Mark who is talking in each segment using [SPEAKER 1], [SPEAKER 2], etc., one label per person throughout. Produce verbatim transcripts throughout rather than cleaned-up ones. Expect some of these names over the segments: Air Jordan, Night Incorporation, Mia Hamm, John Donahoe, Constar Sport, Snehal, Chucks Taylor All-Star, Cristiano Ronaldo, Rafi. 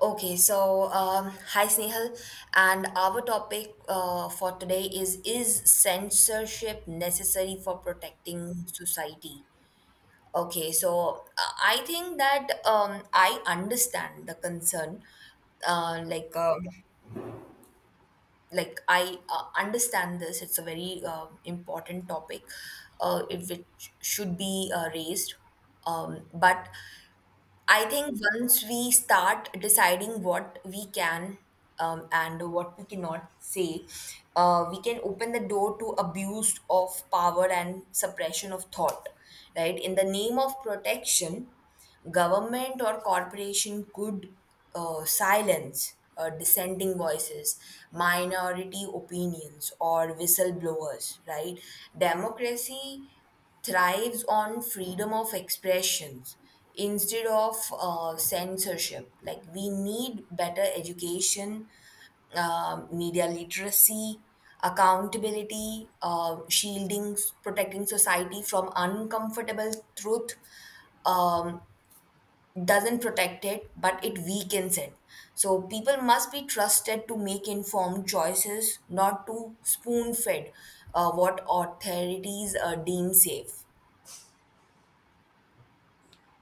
[SPEAKER 1] Okay, so um, hi Snehal, and our topic uh, for today is Is censorship necessary for protecting society? Okay, so uh, I think that um, I understand the concern. Uh, like, um like I uh, understand this. It's a very uh, important topic, uh, if it which should be uh, raised. Um, but I think once we start deciding what we can um, and what we cannot say, uh, we can open the door to abuse of power and suppression of thought. Right? In the name of protection, government or corporation could uh, silence uh, dissenting voices, minority opinions, or whistleblowers. Right? Democracy thrives on freedom of expressions instead of uh, censorship. Like, we need better education, um, media literacy, accountability, uh, shielding, protecting society from uncomfortable truth. Um, doesn't protect it, but it weakens it. So people must be trusted to make informed choices, not to spoon fed uh, what authorities uh, deem safe.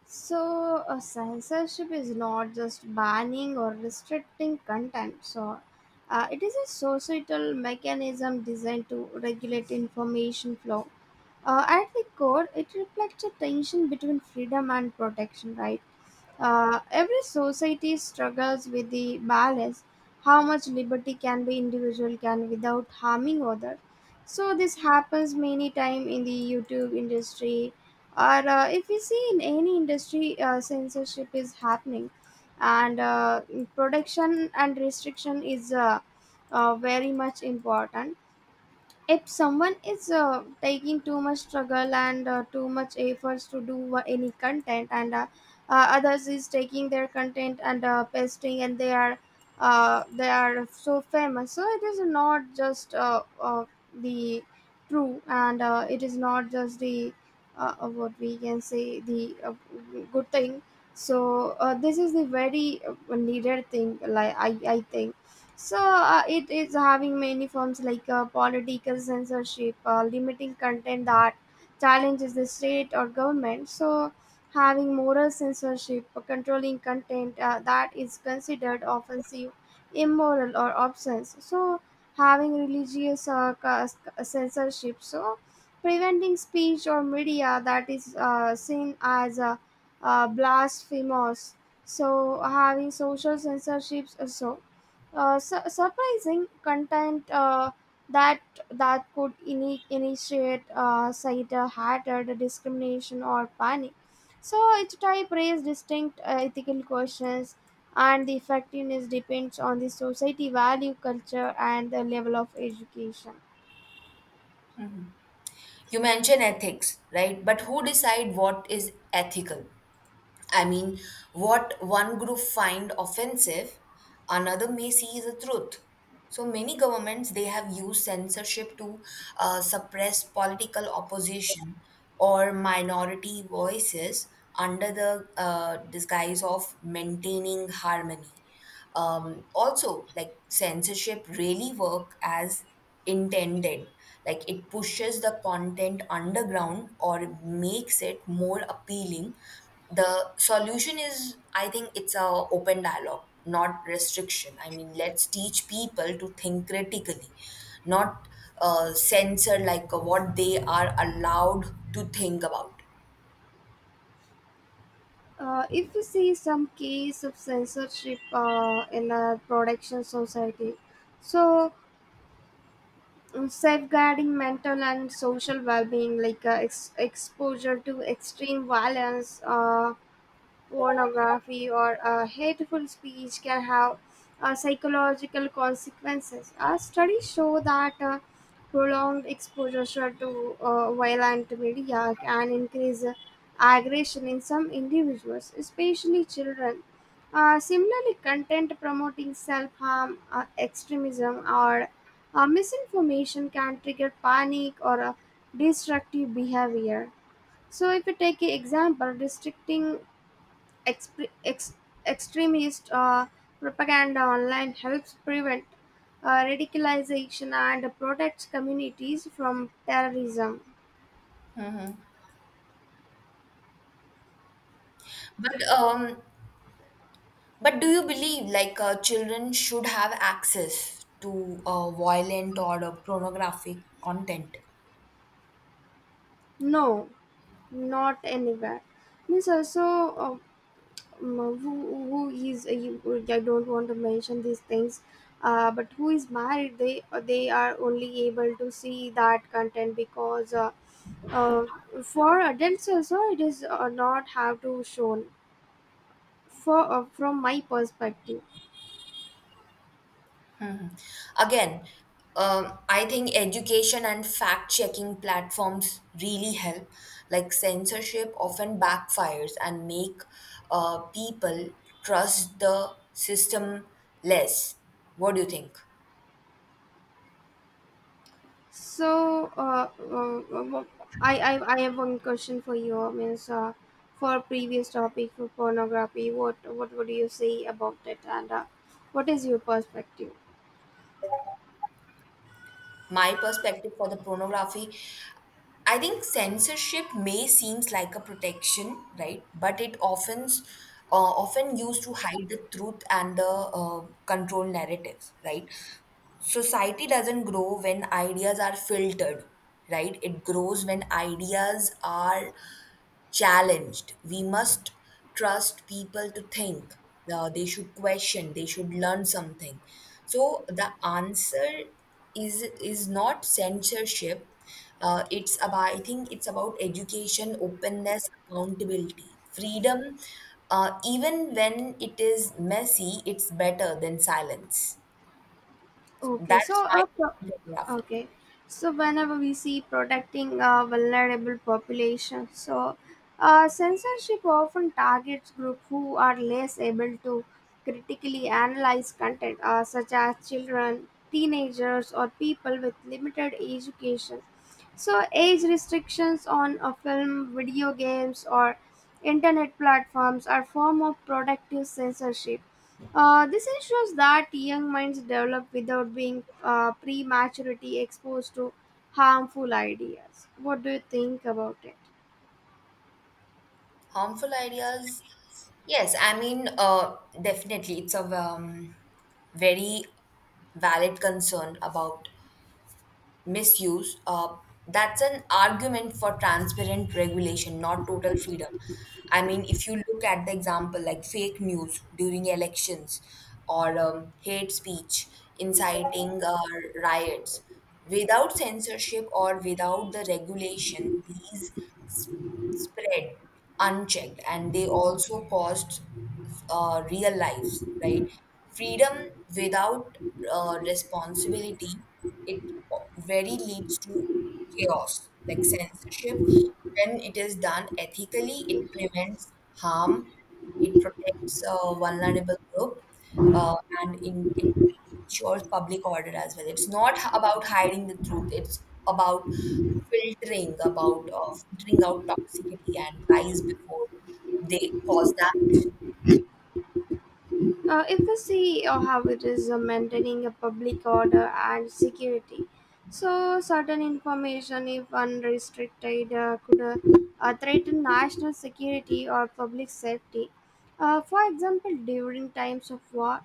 [SPEAKER 2] So, uh, censorship is not just banning or restricting content. So, uh, it is a societal mechanism designed to regulate information flow. Uh, at the core, it reflects a tension between freedom and protection, right? Uh, every society struggles with the balance, how much liberty can be individual can without harming other, so this happens many time in the youtube industry or uh, if you see in any industry uh, censorship is happening and uh, production and restriction is uh, uh, very much important if someone is uh, taking too much struggle and uh, too much efforts to do uh, any content and uh, uh, others is taking their content and uh, pasting and they are uh, they are so famous, so it is not just uh, uh, the true, and uh, it is not just the uh, uh, what we can say the uh, good thing. So uh, this is the very uh, needed thing, like i i think. So uh, it is having many forms like uh, political censorship, uh, limiting content that challenges the state or government. So having moral censorship, uh, controlling content uh, that is considered offensive, immoral, or obscene. So having religious uh, cas- censorship, so preventing speech or media that is uh, seen as uh, uh, blasphemous. So having social censorships also, uh, su- surprising content uh, that that could ini- initiate uh, cider hatred, discrimination, or panic. So each type raises distinct uh, ethical questions, and the effectiveness depends on the society value, culture, and the level of education.
[SPEAKER 1] You mention ethics, right? But who decide what is ethical? I mean, what one group find offensive, another may see is a truth. So many governments, they have used censorship to uh, suppress political opposition or minority voices under the uh, disguise of maintaining harmony. Um, also, like, censorship really work as intended. Like, it pushes the content underground or makes it more appealing. The solution is, I think, it's a open dialogue, not restriction. I mean, let's teach people to think critically, not uh, censor like what they are allowed to think about.
[SPEAKER 2] Uh, if we see some case of censorship uh, in a production society, so um, safeguarding mental and social well-being like uh, ex- exposure to extreme violence, uh, pornography, or a hateful speech can have uh, psychological consequences. Uh, studies show that uh, prolonged exposure to uh, violent media can increase uh, aggression in some individuals, especially children. Uh, similarly, content promoting self harm, uh, extremism, or uh, misinformation can trigger panic or uh, destructive behavior. So, if you take an example, restricting expre- ex- extremist uh, propaganda online helps prevent uh, radicalization and protects communities from terrorism.
[SPEAKER 1] But um But do you believe like uh, children should have access to uh, violent or uh, pornographic content?
[SPEAKER 2] No, not anywhere. Means also, uh, um, who, who is uh, you, I don't want to mention these things, uh, but who is married? They uh, they are only able to see that content because. Uh, uh, for adults also it is uh, not have to shown for uh, from my perspective.
[SPEAKER 1] Mhm. Again, um, I think education and fact checking platforms really help. Like, censorship often backfires and make uh, people trust the system less. What do you think?
[SPEAKER 2] So, uh, uh, uh, I, I, I have one question for you. Means, uh, for previous topic for pornography, what what would you say about it, and uh, what is your perspective?
[SPEAKER 1] My perspective for the pornography, I think censorship may seems like a protection, right? But it often, uh, often used to hide the truth and the uh, control narratives. Right? Society doesn't grow when ideas are filtered, right? It grows when ideas are challenged. We must trust people to think. Uh, they should question. They should learn something. So the answer is is not censorship. Uh, it's about, I think it's about education, openness, accountability, freedom. Uh, even when it is messy, it's better than silence.
[SPEAKER 2] Okay,
[SPEAKER 1] That's
[SPEAKER 2] so
[SPEAKER 1] my
[SPEAKER 2] uh, pro-
[SPEAKER 1] opinion, Rafi.
[SPEAKER 2] okay, so whenever we see protecting uh, vulnerable population, so uh, censorship often targets groups who are less able to critically analyze content, uh, such as children, teenagers, or people with limited education. So, age restrictions on a film, video games, or internet platforms are form of productive censorship. Uh, this ensures that young minds develop without being uh, prematurely exposed to harmful ideas. What do you think about it?
[SPEAKER 1] Harmful ideas? Yes, I mean, uh, definitely, it's a um, very valid concern about misuse. Uh, that's an argument for transparent regulation, not total freedom. I mean, if you look at the example like fake news during elections or um, hate speech inciting uh, riots, without censorship or without the regulation, these spread unchecked and they also cost uh, real lives, right? Freedom without uh, responsibility, it very leads to chaos, like censorship. When it is done ethically, it prevents harm, it protects a vulnerable group, uh, and in, it ensures public order as well. It's not h- about hiding the truth. It's about filtering, about uh, filtering out toxicity and lies before they cause damage.
[SPEAKER 2] Uh, if we see uh, how it is uh, maintaining a public order and security, so certain information, if unrestricted, uh, could uh, uh, threaten national security or public safety. Uh, for example, during times of war,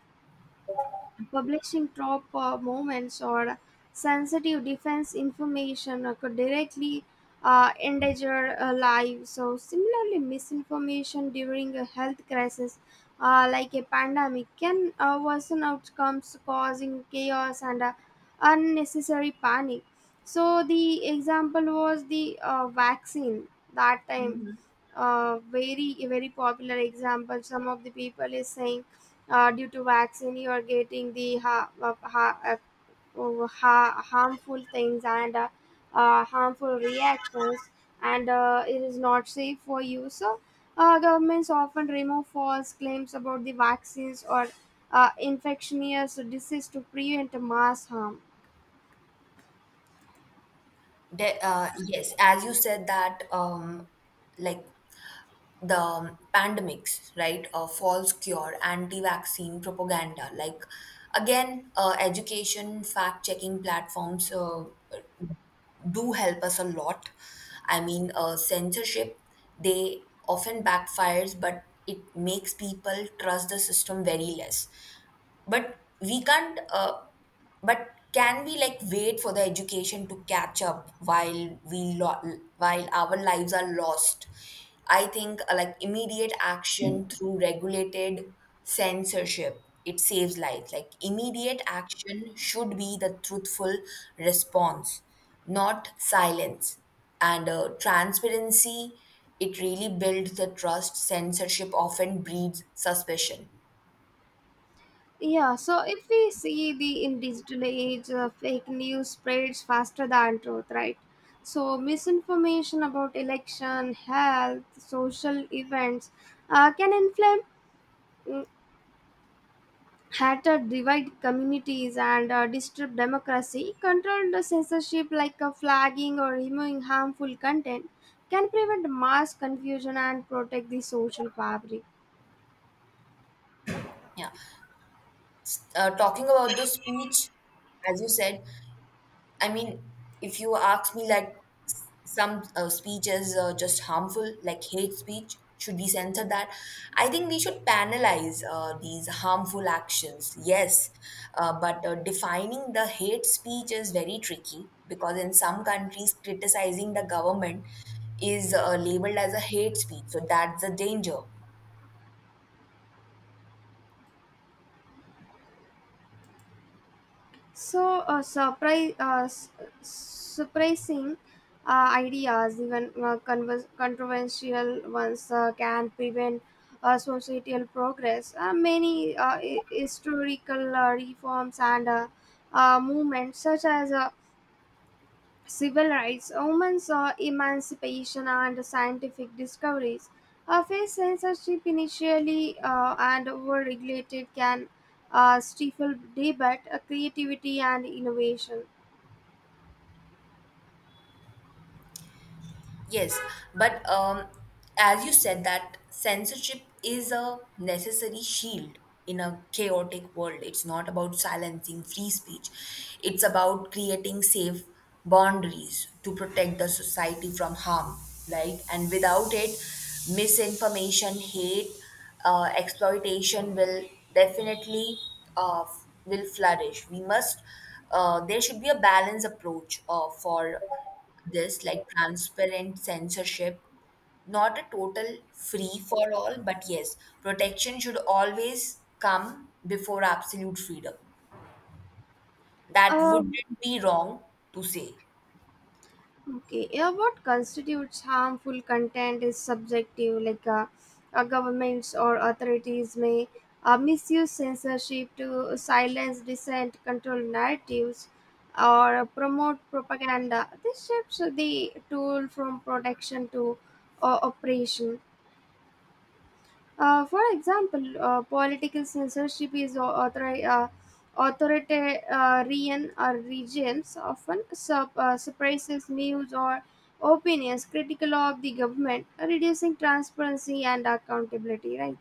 [SPEAKER 2] publishing top uh, moments or sensitive defense information uh, could directly uh, endanger uh, lives. So, similarly, misinformation during a health crisis, uh, like a pandemic, can uh, worsen outcomes, causing chaos and uh, unnecessary panic. So, the example was the uh, vaccine that time, uh, very very popular example. Some of the people is saying uh, due to vaccine you are getting the ha- uh, ha- uh, oh, ha- harmful things and uh, uh, harmful reactions, and uh, it is not safe for you, so uh, governments often remove false claims about the vaccines or uh, infectious disease to prevent mass harm.
[SPEAKER 1] De- uh, yes, as you said that, um, like the um, pandemics, right? Uh, false cure, anti-vaccine propaganda. Like again, uh, education fact-checking platforms. Uh, do help us a lot. I mean, uh, censorship, they often backfires, but it makes people trust the system very less. But we can't, uh, but can we, like, wait for the education to catch up while we lo- while our lives are lost? I think uh, like immediate action through regulated censorship, it saves lives. Like, immediate action should be the truthful response, not silence. And uh, transparency, it really builds the trust. Censorship often breeds suspicion.
[SPEAKER 2] Yeah, so if we see the in digital age, uh, fake news spreads faster than truth, right? So misinformation about election, health, social events uh, can inflame, mm, hatter, divide communities and uh, disturb democracy. Controlled censorship like uh, flagging or removing harmful content can prevent mass confusion and protect the social fabric.
[SPEAKER 1] Yeah, uh, talking about the speech, as you said, I mean, if you ask me, like, s- some uh, speech is uh, just harmful, like hate speech, should we censor that? I think we should penalize uh, these harmful actions. Yes, uh, but uh, defining the hate speech is very tricky because in some countries, criticizing the government is uh, labeled as a hate speech. So that's the danger.
[SPEAKER 2] So uh, surprise, uh, s- surprising uh, ideas, even uh, convers- controversial ones, uh, can prevent uh, societal progress. Uh, many uh, hi- historical uh, reforms and uh, uh, movements, such as uh, civil rights, women's uh, emancipation, and scientific discoveries uh, faced censorship initially, uh, and were regulated can uh, stifle debate, uh, creativity, and innovation.
[SPEAKER 1] Yes, but um, as you said, that censorship is a necessary shield in a chaotic world. It's not about silencing free speech, it's about creating safe boundaries to protect the society from harm, right? And without it, misinformation, hate, uh, exploitation will definitely uh, will flourish. We must. Uh, there should be a balanced approach uh, for this, like transparent censorship, not a total free for all. But yes, protection should always come before absolute freedom. That
[SPEAKER 2] Uh,
[SPEAKER 1] wouldn't be wrong to say.
[SPEAKER 2] Okay, yeah, what constitutes harmful content is subjective, like uh, uh, governments or authorities may uh, misuse censorship to silence dissent, control narratives, or promote propaganda. This shifts the tool from protection to uh, oppression. Uh, for example, uh, political censorship is au- authori- uh, authoritarian uh, regimes often sup- uh, suppresses news or opinions critical of the government, reducing transparency and accountability. Right?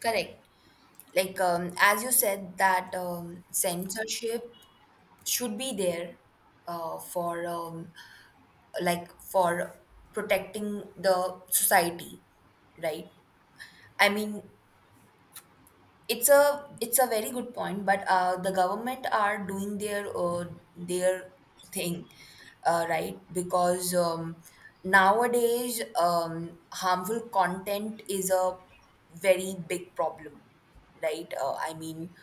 [SPEAKER 1] Correct. Like, um, as you said that um, censorship should be there uh, for um, like for protecting the society, right? I mean, it's a it's a very good point. But uh, the government are doing their uh, their thing, uh, right? Because um, nowadays um, harmful content is a very big problem, right? uh, I mean,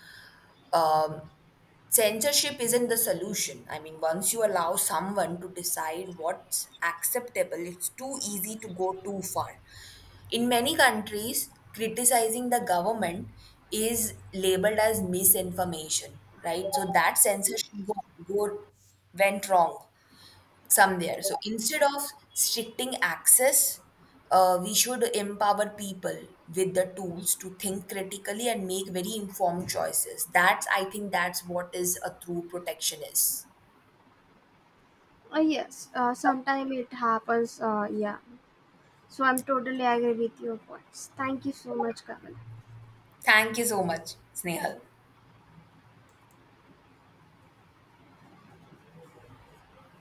[SPEAKER 1] um, censorship isn't the solution. I mean, once you allow someone to decide what's acceptable, it's too easy to go too far. In many countries, criticizing the government is labeled as misinformation, right? So that censorship go, go, went wrong some there. So instead of restricting access, uh, we should empower people with the tools to think critically and make very informed choices. That's, I think, that's what is a true protection is.
[SPEAKER 2] Uh, yes. Uh, Sometimes it happens. Uh, yeah. So I'm totally agree with your points. Thank you so much, Kamal.
[SPEAKER 1] Thank you so much, Snehal.